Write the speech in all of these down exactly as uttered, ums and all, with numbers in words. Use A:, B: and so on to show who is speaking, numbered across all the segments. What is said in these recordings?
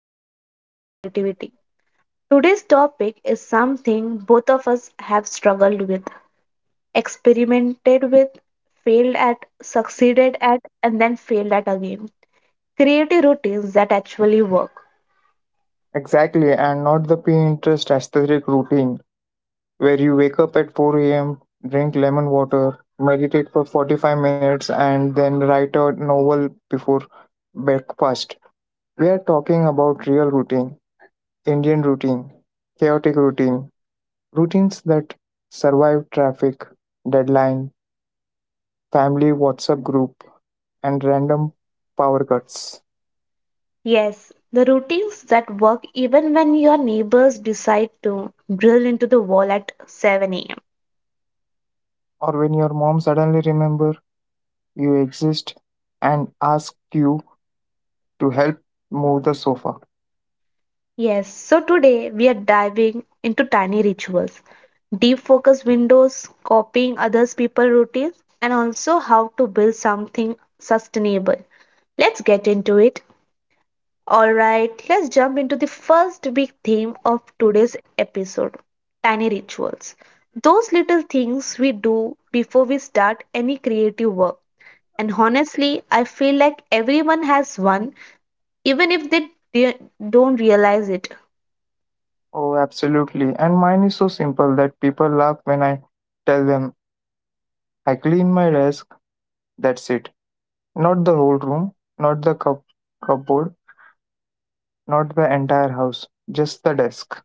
A: of Everyday Creativity. Today's topic is something both of us have struggled with, experimented with, failed at, succeeded at, and then failed at again. Creative routines that actually work.
B: Exactly, and not the Pinterest aesthetic routine where you wake up at four a m, drink lemon water, meditate for forty-five minutes, and then write a novel before breakfast. We are talking about real routine, Indian routine, chaotic routine, routines that survive traffic, deadline, family WhatsApp group, and random power cuts.
A: Yes, the routines that work even when your neighbors decide to drill into the wall at seven a m.
B: Or when your mom suddenly remember you exist and ask you to help move the sofa.
A: Yes, so today we are diving into tiny rituals, deep focus windows, copying others people routines, and also how to build something sustainable. Let's get into it. All right, let's jump into the first big theme of today's episode tiny rituals. Those little things we do before we start any creative work. And honestly, I feel like everyone has one, even if they de- don't realize it.
B: Oh, absolutely. And mine is so simple that people laugh when I tell them I clean my desk, that's it. Not the whole room, not the cup- cupboard, not the entire house, just the desk.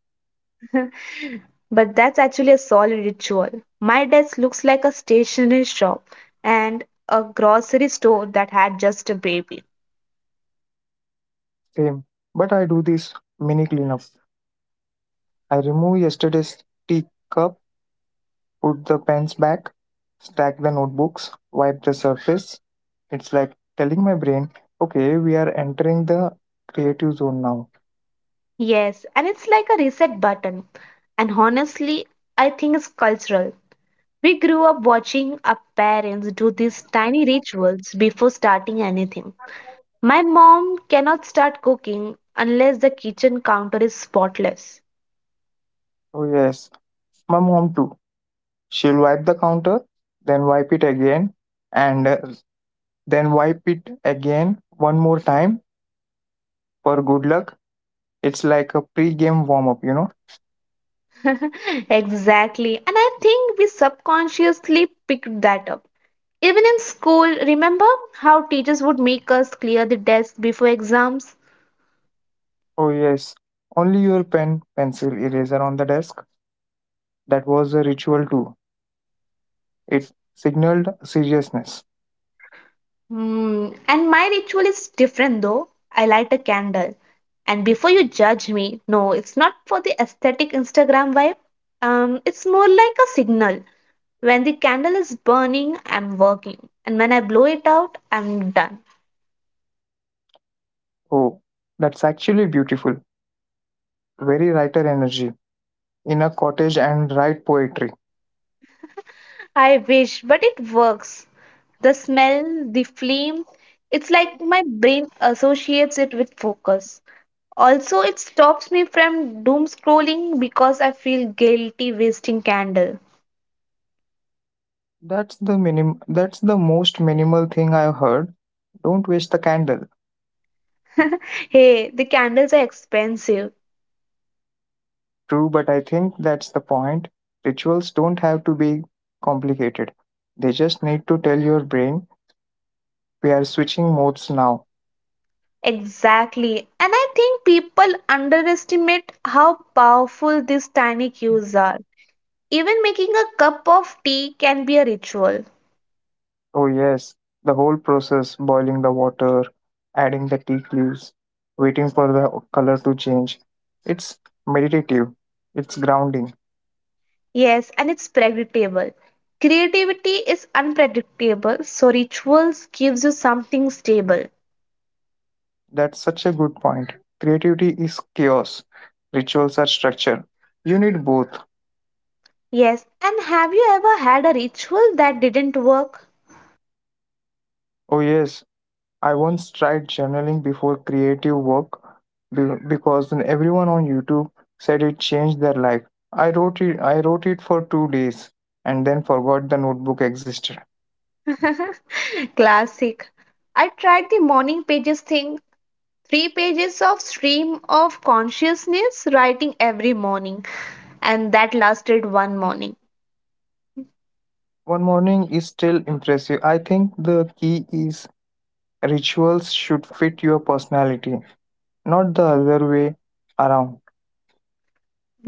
A: But that's actually a solid ritual. My desk looks like a stationery shop and a grocery store that had just a baby.
B: Same. But I do this mini cleanup. I remove yesterday's tea cup, put the pens back, stack the notebooks, wipe the surface. It's like telling my brain, okay, we are entering the creative zone now.
A: Yes, and it's like a reset button. And honestly, I think it's cultural. We grew up watching our parents do these tiny rituals before starting anything. My mom cannot start cooking unless the kitchen counter is spotless.
B: Oh, yes. My mom, too. She'll wipe the counter, then wipe it again, and uh, then wipe it again one more time for good luck. It's like a pre game warm up, you know?
A: exactly. And I think we subconsciously picked that up. Even in school, remember how teachers would make us clear the desk before exams?
B: Oh, yes. Only your pen, pencil, eraser on the desk. That was a ritual too. It signaled seriousness.
A: Hmm. And my ritual is different though. I light a candle. And before you judge me, no, it's not for the aesthetic Instagram vibe. Um, it's more like a signal. When the candle is burning, I'm working. And when I blow it out, I'm done.
B: Oh, that's actually beautiful. Very writer energy. In a cottage and write poetry.
A: I wish, but it works. The smell, the flame, it's like my brain associates it with focus. Also, it stops me from doom scrolling because I feel guilty wasting candle.
B: That's the minim that's the most minimal thing I've heard. Don't waste the candle.
A: hey, the candles are expensive.
B: True, but I think that's the point. Rituals don't have to be complicated. They just need to tell your brain we are switching modes now.
A: Exactly. And I think people underestimate how powerful these tiny cues are. Even making a cup of tea can be a ritual.
B: Oh, yes, the whole process boiling the water, adding the tea leaves, waiting for the color to change. It's meditative, it's grounding.
A: Yes, and it's predictable. Creativity is unpredictable, so rituals gives you something stable.
B: That's such a good point. Creativity is chaos, rituals are structure. You need both.
A: Yes, and have you ever had a ritual that didn't work?
B: Oh, yes, I once tried journaling before creative work be- because then everyone on YouTube said it changed their life. I wrote it I wrote it for two days and then forgot the notebook existed.
A: Classic. I tried the morning pages thing, three pages of stream of consciousness writing every morning, and that lasted one morning.
B: One morning is still impressive. I think the key is rituals should fit your personality, not the other way around.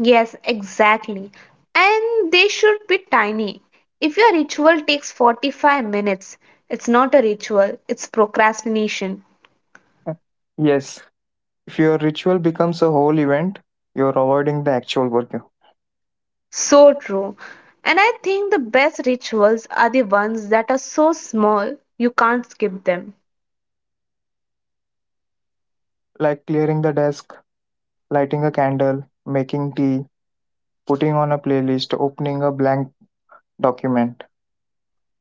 A: Yes, exactly. And they should be tiny. If your ritual takes forty-five minutes, it's not a ritual, it's procrastination.
B: Yes, if your ritual becomes a whole event, you're avoiding the actual work,
A: So true. And I think the best rituals are the ones that are so small you can't skip them.
B: like clearing the desk, lighting a candle, making tea, putting on a playlist, opening a blank document.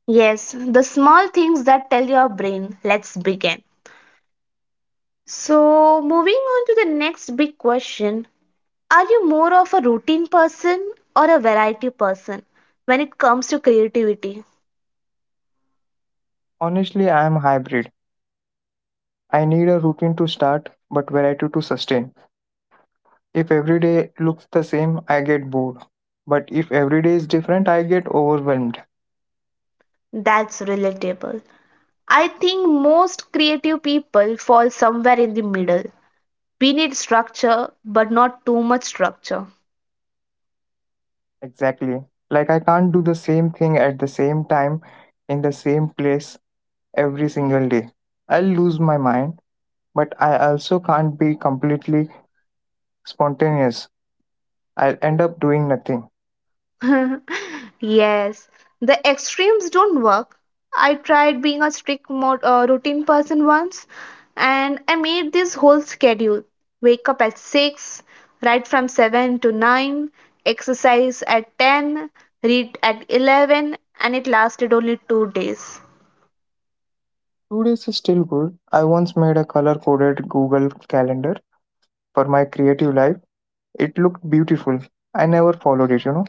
A: Yes, the small things that tell your brain, let's begin. So, moving on to the next big question, are you more of a routine person or a variety person when it comes to creativity?
B: Honestly, I am hybrid. I need a routine to start, but variety to sustain. If every day looks the same, I get bored. But if every day is different, I get overwhelmed.
A: That's relatable. I think most creative people fall somewhere in the middle. We need structure, but not too much structure.
B: Exactly. Like I can't do the same thing at the same time in the same place every single day. I'll lose my mind, but I also can't be completely spontaneous. I'll end up doing nothing.
A: Yes, the extremes don't work. I tried being a strict mod, uh, routine person once and I made this whole schedule. Wake up at six, write from seven to nine, exercise at ten, read at eleven, and it lasted only two days.
B: Two days is still good. I once made a color coded Google Calendar for my creative life. It looked beautiful. I never followed it, you know?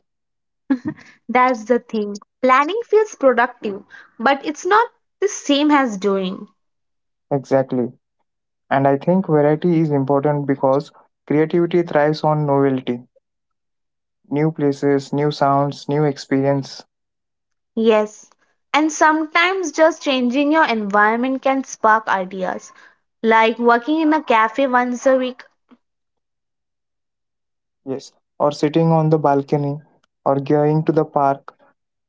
A: That's the thing. Planning feels productive, but it's not the same as doing.
B: Exactly. And I think variety is important because creativity thrives on novelty new places, new sounds, new experience.
A: Yes, and sometimes just changing your environment can spark ideas. Like working in a cafe once a week.
B: Yes. Or sitting on the balcony, or going to the park,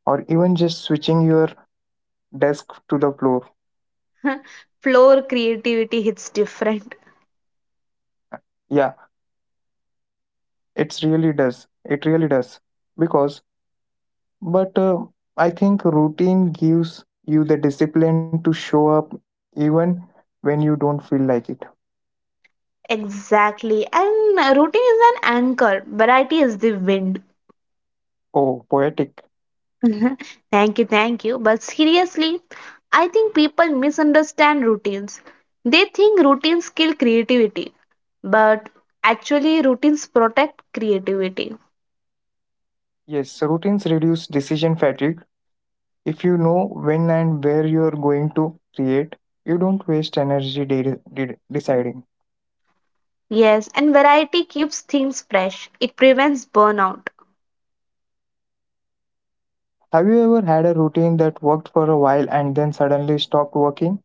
B: or even just switching your desk to the floor.
A: Floor creativity hits different.
B: Yeah, it's really does. It really does. Because But uh, I think routine gives you the discipline to show up even when you don't feel like it.
A: Exactly, and uh, routine is an anchor, variety is the wind.
B: Oh, poetic.
A: Thank you, thank you. But seriously, I think people misunderstand routines. They think routines kill creativity, but actually, routines protect creativity.
B: Yes, routines reduce decision fatigue. If you know when and where you're going to create, you don't waste energy de- de- deciding.
A: Yes, and variety keeps things fresh. It prevents burnout.
B: Have you ever had a routine that worked for a while and then suddenly stopped working?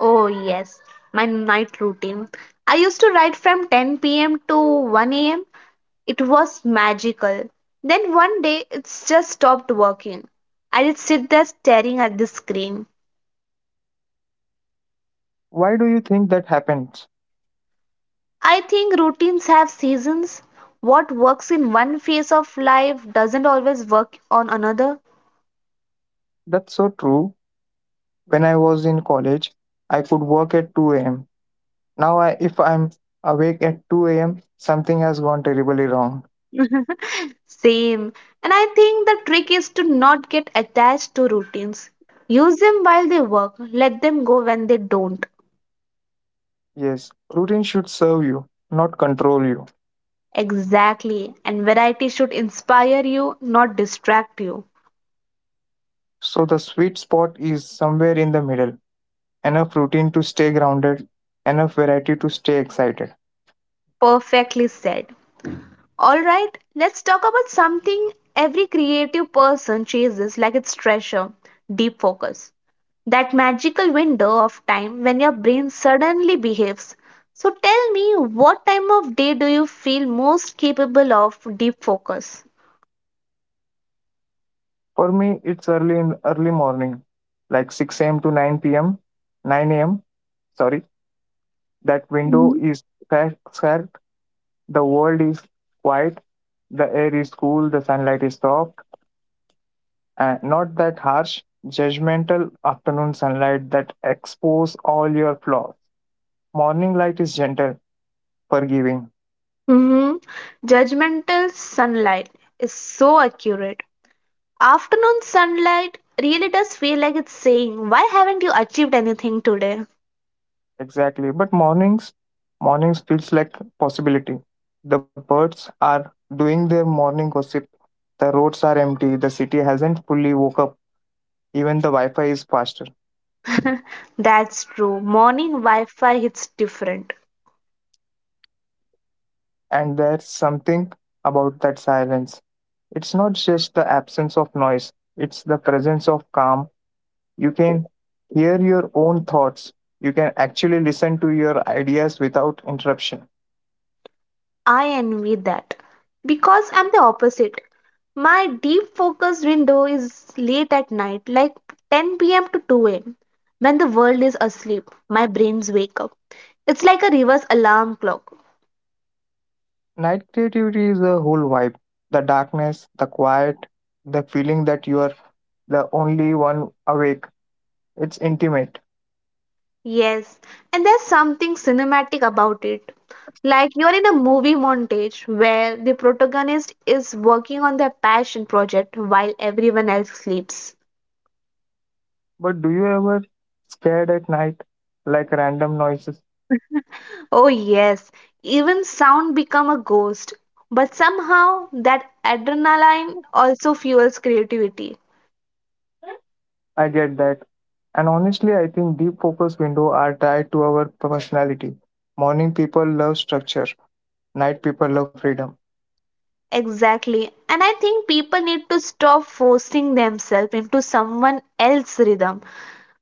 A: Oh, yes, my night routine. I used to write from ten p m to one a m. It was magical. Then one day it just stopped working. I did sit there staring at the screen.
B: Why do you think that happens?
A: I think routines have seasons. What works in one phase of life doesn't always work on another.
B: That's so true. When I was in college, I could work at two a.m. Now, I, if I'm awake at two a m, something has gone terribly wrong.
A: Same. And I think the trick is to not get attached to routines. Use them while they work, let them go when they don't.
B: Yes, routine should serve you, not control you.
A: Exactly. And variety should inspire you, not distract you.
B: So, the sweet spot is somewhere in the middle. Enough routine to stay grounded, enough variety to stay excited.
A: Perfectly said. All right, let's talk about something every creative person chases like its treasure, deep focus. That magical window of time when your brain suddenly behaves. So tell me, what time of day do you feel most capable of deep focus?
B: For me, it's early in early morning, like six a m to nine p m, nine a m. Sorry, that window
A: Mhm.
B: is cracked. cracked. The world is quiet, the air is cool, the sunlight is soft. Uh, not that harsh, judgmental afternoon sunlight that expose all your flaws. Morning light is gentle, forgiving.
A: Hmm. Judgmental sunlight is so accurate. Afternoon sunlight really does feel like it's saying, why haven't you achieved anything today?
B: Exactly. But mornings, mornings feels like possibility. The birds are doing their morning gossip. The roads are empty. The city hasn't fully woke up. Even the Wi-Fi is faster.
A: That's true. Morning Wi Fi hits different.
B: And there's something about that silence. It's not just the absence of noise. It's the presence of calm. You can hear your own thoughts. You can actually listen to your ideas without interruption.
A: I envy that because I'm the opposite. My deep focus window is late at night, like ten p m to two a m. When the world is asleep, my brains wake up. It's like a reverse alarm clock.
B: Night creativity is a whole vibe, the darkness, the quiet, the feeling that you are the only one awake. It's intimate.
A: Yes, and there's something cinematic about it. Like you're in a movie montage where the protagonist is working on their passion project while everyone else sleeps.
B: But do you ever scared at night, like random noises?
A: Oh, yes, even sound become a ghost. But somehow that adrenaline also fuels creativity.
B: I get that. And honestly, I think deep focus window are tied to our personality. Morning people love structure, night people love freedom.
A: Exactly. And I think people need to stop forcing themselves into someone else's rhythm.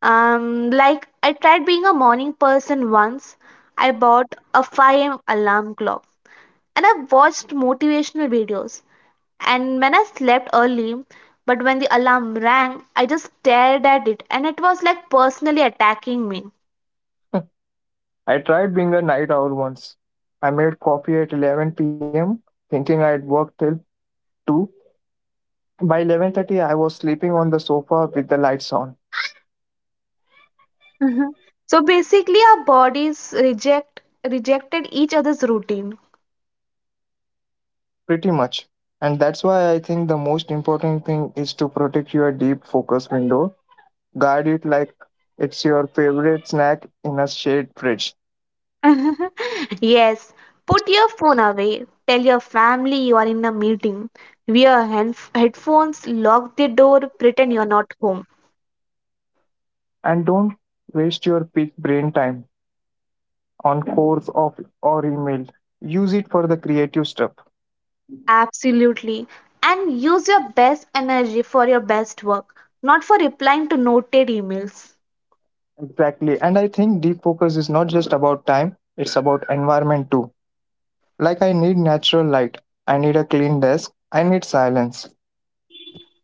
A: Um, like I tried being a morning person once. I bought a five a m alarm clock and I watched motivational videos. And when I slept early, but when the alarm rang, I just stared at it and it was like personally attacking me.
B: I tried being a night owl once. I made coffee at eleven p m, thinking I'd work till two. By eleven thirty, I was sleeping on the sofa with the lights on,
A: Mhm. So basically, our bodies reject rejected each other's routine.
B: pretty much. And that's why I think the most important thing is to protect your deep focus window. Guard it like it's your favorite snack in a shade fridge.
A: Yes, put your phone away. Tell your family you are in a meeting. Wear hand- headphones, lock the door, pretend you're not home.
B: And don't waste your peak brain time on course of or email. Use it for the creative stuff.
A: Absolutely. And use your best energy for your best work, not for replying to noted emails.
B: Exactly. And I think deep focus is not just about time, it's about environment too. Like, I need natural light, I need a clean desk, I need silence.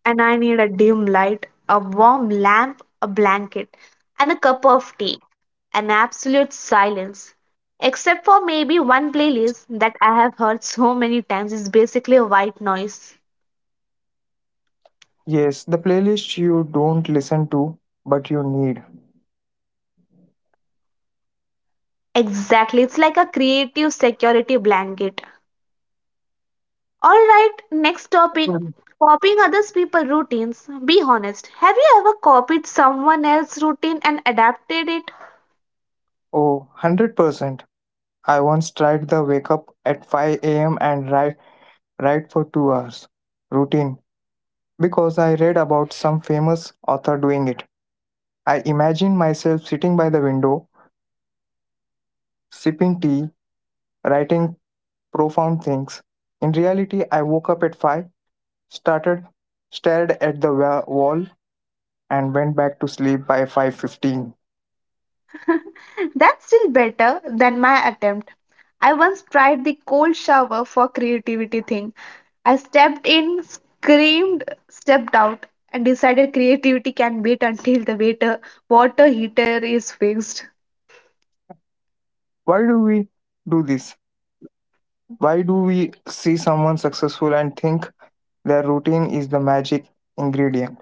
A: And I need a dim light, a warm lamp, a blanket, and a cup of tea. An absolute silence. Except for maybe one playlist that I have heard so many times is basically a white noise.
B: Yes, the playlist you don't listen to, but you need.
A: Exactly, it's like a creative security blanket. All right, next topic,
B: Mm.
A: copying others people routines. Be honest. Have you ever copied someone else's routine and adapted it?
B: Oh, one hundred percent. I once tried the wake up at five a m and write, write for two hours routine because I read about some famous author doing it. I imagined myself sitting by the window, sipping tea, writing profound things. In reality, I woke up at five, started, stared at the wa- wall, and went back to sleep by five fifteen.
A: That's still better than my attempt. I once tried the cold shower for creativity thing. I stepped in, screamed, stepped out, and decided creativity can wait until the waiter water heater is fixed.
B: Why do we do this? Why do we see someone successful and think their routine is the magic ingredient?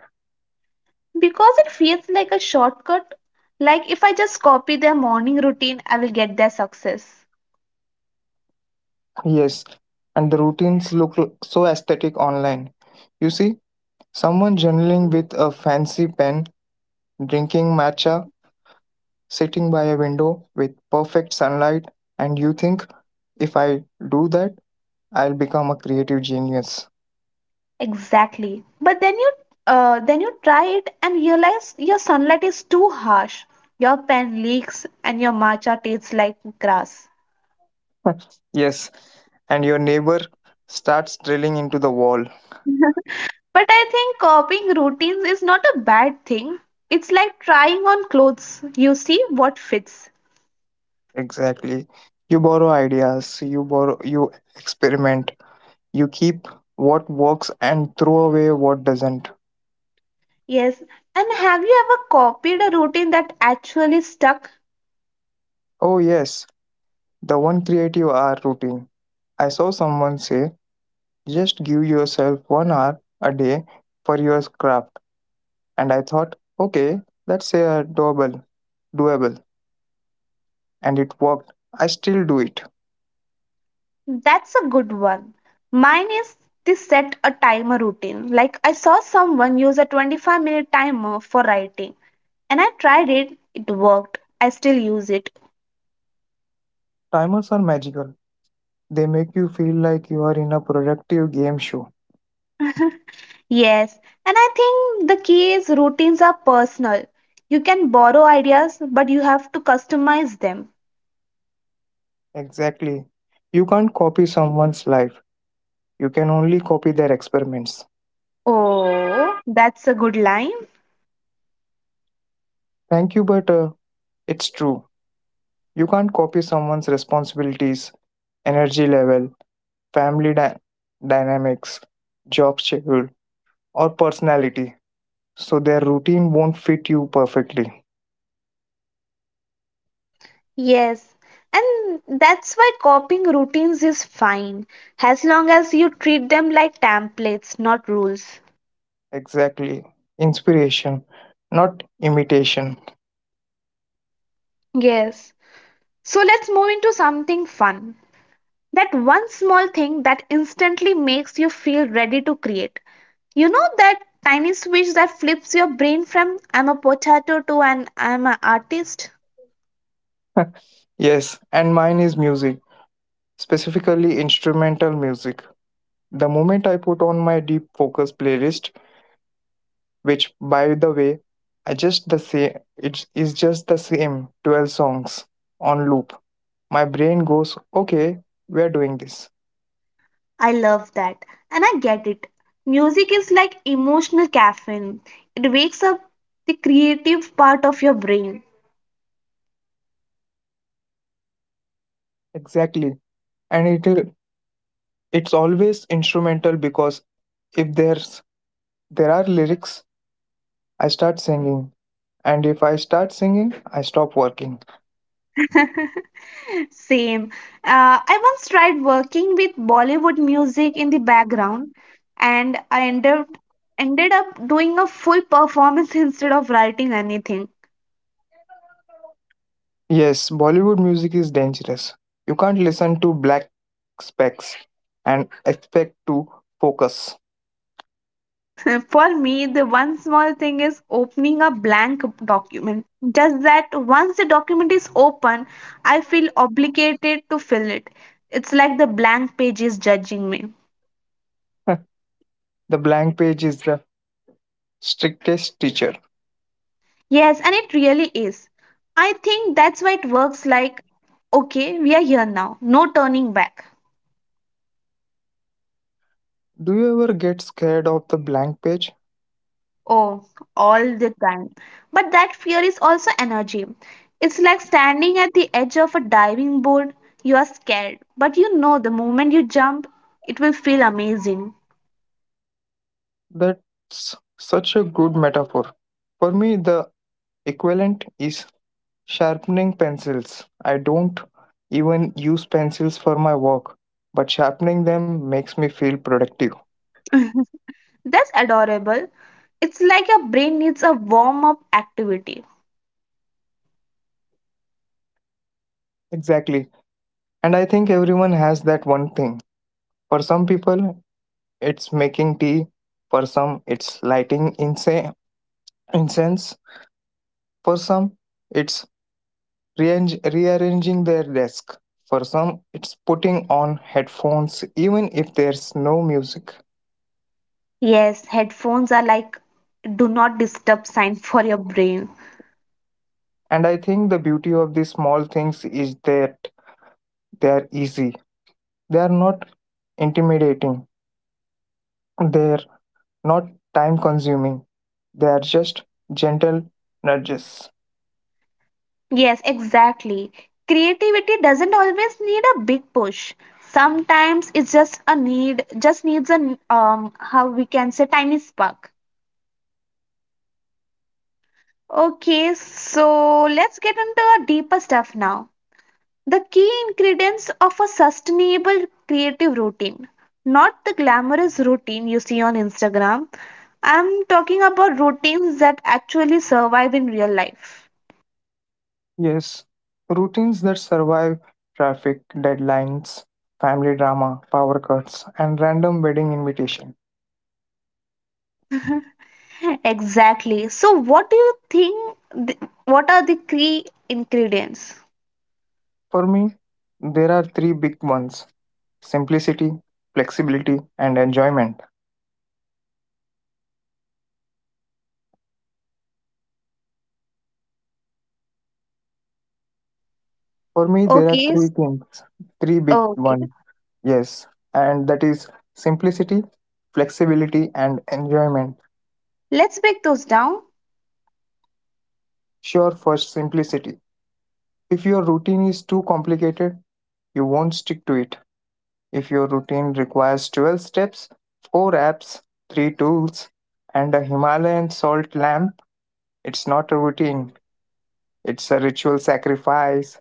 A: Because it feels like a shortcut, like if I just copy their morning routine, I will get their success.
B: Yes, and the routines look l- so aesthetic online. You see, someone journaling with a fancy pen, drinking matcha, sitting by a window with perfect sunlight, and you think if I do that, I'll become a creative genius.
A: Exactly. But then you uh, then you try it and realize your sunlight is too harsh. Your pen leaks and your matcha tastes like grass.
B: yes, and your neighbor starts drilling into the wall.
A: But I think copying routines is not a bad thing. It's like trying on clothes. You see what fits.
B: Exactly. You borrow ideas, you borrow you experiment, you keep what works and throw away what doesn't.
A: Yes. And have you ever copied a routine that actually stuck?
B: Oh yes, the one creative hour routine. I saw someone say, just give yourself one hour a day for your craft. And I thought, okay, that's a doable doable. And it worked. I still do it.
A: That's a good one. Mine is to set a timer routine. Like I saw someone use a twenty-five minute timer for writing and I tried it, it worked. I still use it.
B: Timers are magical. They make you feel like you are in a productive game show.
A: Yes, and I think the key is routines are personal. You can borrow ideas, but you have to customize them.
B: Exactly. You can't copy someone's life. You can only copy their experiments.
A: Oh, that's a good line.
B: Thank you, but uh, it's true. You can't copy someone's responsibilities, energy level, family dy- dynamics, job schedule, or personality. So their routine won't fit you perfectly.
A: Yes, and that's why copying routines is fine as long as you treat them like templates, not rules.
B: Exactly. Inspiration, not imitation.
A: Yes. So let's move into something fun. That one small thing that instantly makes you feel ready to create. You know that tiny switch that flips your brain from I'm a potato to an I'm an artist?
B: Yes, and mine is music, specifically instrumental music. The moment I put on my deep focus playlist, which by the way, I just the same it is just the same twelve songs on loop. My brain goes, "Okay, we are doing this."
A: I love that. And I get it. Music is like emotional caffeine, it wakes up the creative part of your brain.
B: Exactly. And it it's always instrumental because if there's there are lyrics, I start singing. And if I start singing, I stop working.
A: Same. Uh, I once tried working with Bollywood music in the background, and I ended ended up doing a full performance instead of writing anything.
B: Yes, Bollywood music is dangerous. You can't listen to black specs and expect to focus.
A: For me, the one small thing is opening a blank document. Just that once the document is open, I feel obligated to fill it. It's like the blank page is judging me.
B: The blank page is the strictest teacher.
A: Yes, and it really is. I think that's why it works, like okay, we are here now, no turning back.
B: Do you ever get scared of the blank page?
A: Oh, all the time. But that fear is also energy. It's like standing at the edge of a diving board. You are scared, but you know the moment you jump, it will feel amazing.
B: That's such a good metaphor. For me, the equivalent is sharpening pencils. I don't even use pencils for my work, but sharpening them makes me feel productive.
A: That's adorable. It's like your brain needs a warm up activity.
B: Exactly. And I think everyone has that one thing. For some people, it's making tea. For some, it's lighting inse- incense. For some, it's rearrange- rearranging their desk. For some, it's putting on headphones even if there's no music.
A: Yes, headphones are like do not disturb sign for your brain.
B: And I think the beauty of these small things is that they are easy. They are not intimidating. They're not time consuming. They are just gentle nudges.
A: Yes, exactly. Creativity doesn't always need a big push. Sometimes it's just a need, just needs an um how we can say tiny spark. Okay, so let's get into a deeper stuff now. The key ingredients of a sustainable creative routine. Not the glamorous routine you see on Instagram. I'm talking about routines that actually survive in real life.
B: Yes, routines that survive traffic, deadlines, family drama, power cuts, and random wedding invitation.
A: Exactly. So, what do you think? th- What are the key ingredients?
B: For me, there are three big ones simplicity, flexibility, and enjoyment. For me, there are
A: Okay.
B: three
A: s-
B: things, three big
A: Okay.
B: ones, yes, and that is simplicity, flexibility, and enjoyment.
A: Let's break those down.
B: Sure, first, simplicity. If your routine is too complicated, you won't stick to it. If your routine requires twelve steps, four apps, three tools, and a Himalayan salt lamp, it's not a routine, it's a ritual sacrifice.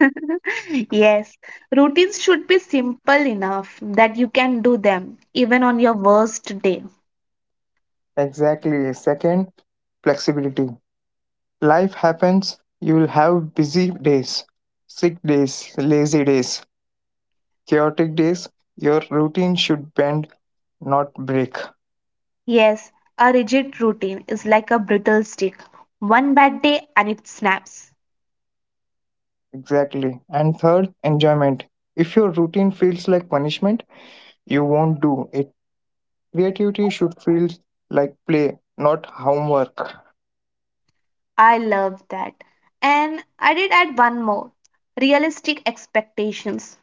A: Yes. Routines should be simple enough that you can do them even on your worst day.
B: Exactly. Second, flexibility. Life happens, you will have busy days, sick days, lazy days, chaotic days. Your routine should bend, not break.
A: Yes. A rigid routine is like a brittle stick. One bad day and it snaps.
B: Exactly. And third, enjoyment. If your routine feels like punishment, you won't do it. Creativity should feel like play, not homework.
A: I love that. And I did add one more, realistic expectations.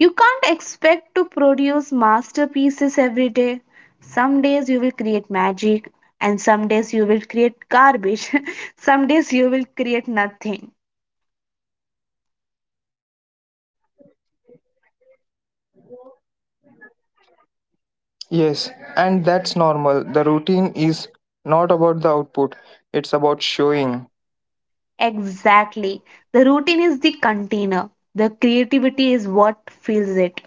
A: You can't expect to produce masterpieces every day. Some days you will create magic, and some days you will create garbage. Some days you will create nothing.
B: Yes, and that's normal. The routine is not about the output, it's about showing.
A: Exactly. The routine is the container, the creativity is what fills it.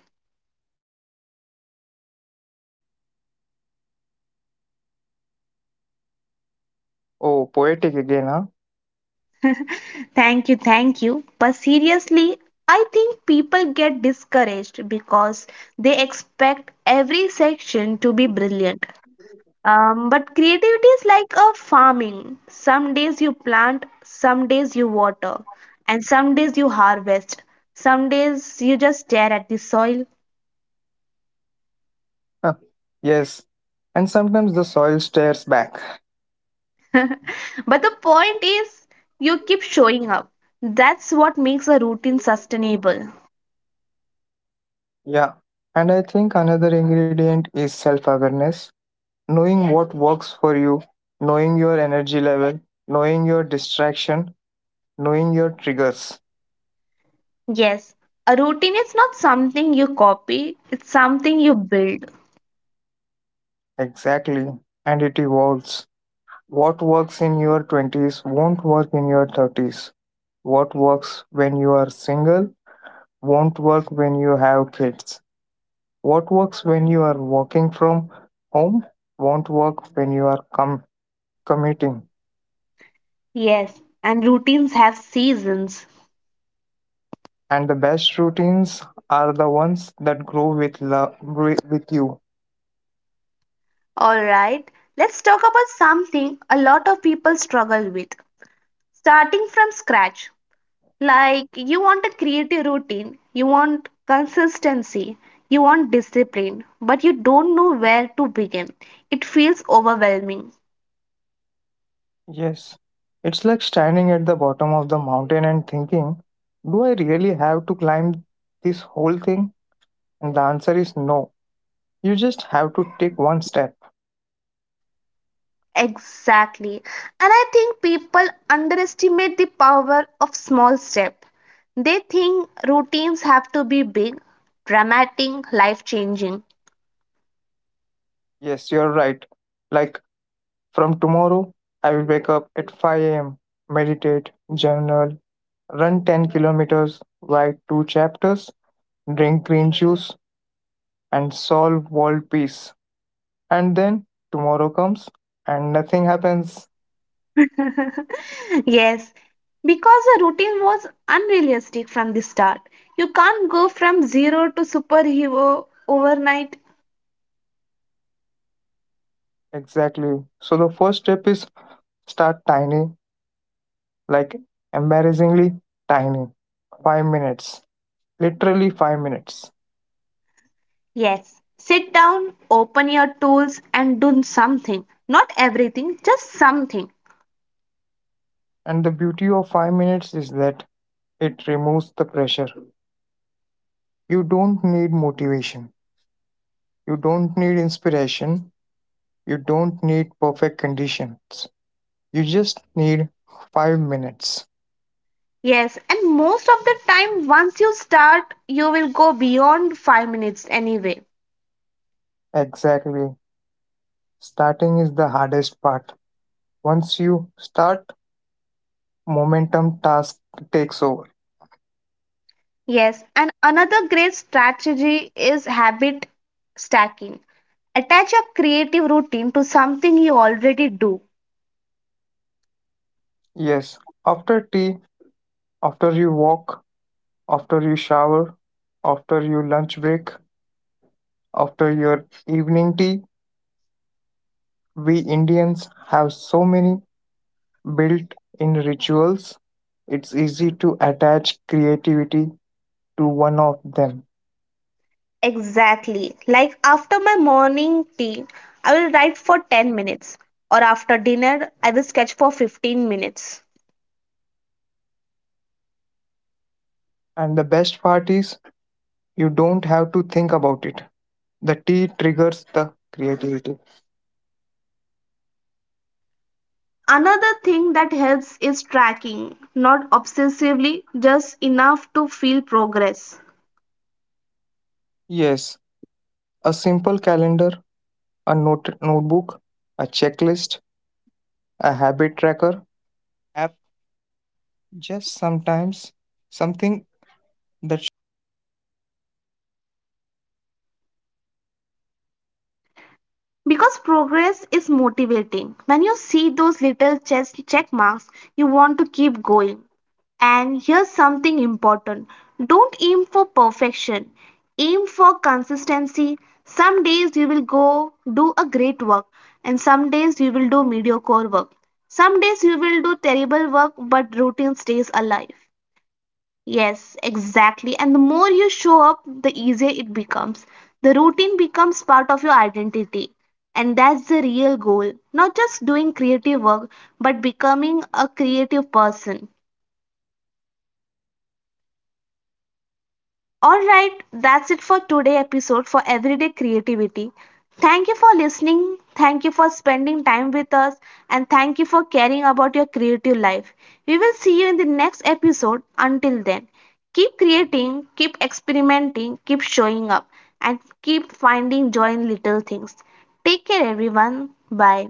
B: Oh, poetic again, huh?
A: Thank you, thank you. But seriously, I think people get discouraged because they expect every section to be brilliant. Um, but creativity is like a farming. Some days you plant, some days you water, and some days you harvest. Some days you just stare at the soil.
B: Uh, yes, and sometimes the soil stares back.
A: But the point is, you keep showing up. That's what makes a routine sustainable.
B: Yeah, and I think another ingredient is self awareness knowing what works for you, knowing your energy level, knowing your distraction, knowing your triggers.
A: Yes, a routine is not something you copy, it's something you build.
B: Exactly, and it evolves. What works in your twenties won't work in your thirties. What works when you are single won't work when you have kids. What works when you are working from home won't work when you are com- Committing.
A: Yes, and routines have seasons.
B: And the best routines are the ones that grow with love with you.
A: All right, let's talk about something a lot of people struggle with, starting from scratch. Like, you want a creative routine, you want consistency, you want discipline, but you don't know where to begin. It feels overwhelming.
B: Yes. It's like standing at the bottom of the mountain and thinking, do I really have to climb this whole thing? And the answer is no. You just have to take one step.
A: Exactly. And I think people underestimate the power of small step. They think routines have to be big, dramatic, life changing.
B: Yes, you're right. Like from tomorrow, I will wake up at five a m, meditate, journal, run ten kilometers, write two chapters, drink green juice, and solve world peace. And then tomorrow comes and nothing happens.
A: Yes, because the routine was unrealistic from the start. You can't go from zero to superhero overnight.
B: Exactly. So the first step is start tiny, like embarrassingly tiny. Five minutes. Literally five minutes.
A: Yes, sit down, open your tools, and do something. Not everything, just something.
B: And the beauty of five minutes is that it removes the pressure. You don't need motivation. You don't need inspiration. You don't need perfect conditions. You just need five minutes.
A: Yes, and most of the time, once you start, you will go beyond five minutes anyway.
B: Exactly. Starting is the hardest part. Once you start, Momentum task takes over.
A: Yes, and another great strategy is habit stacking. Attach a creative routine to something you already do.
B: Yes, after tea, after you walk, after you shower, after your lunch break, after your evening tea, we Indians have so many built in rituals, it's easy to attach creativity to one of them.
A: Exactly. Like after my morning tea, I will write for ten minutes, or after dinner, I will sketch for fifteen minutes.
B: And the best part is, you don't have to think about it. The tea triggers the creativity.
A: Another thing that helps is tracking, not obsessively, just enough to feel progress.
B: Yes, a simple calendar a note notebook, a checklist, a habit tracker,
A: Because progress is motivating. When you see those little chess check marks, you want to keep going. And here's something important, don't aim for perfection, aim for consistency. Some days you will go do a great work, and some days you will do mediocre work. Some days you will do terrible work, but routine stays alive. Yes, exactly. And the more you show up, the easier it becomes. The routine becomes part of your identity. And that's the real goal. Not just doing creative work, but becoming a creative person. Alright, that's it for today episode for Everyday Creativity. Thank you for listening, thank you for spending time with us, and thank you for caring about your creative life. We will see you in the next episode. Until then, keep creating, keep experimenting, keep showing up, and keep finding joy in little things. Take care, everyone. Bye.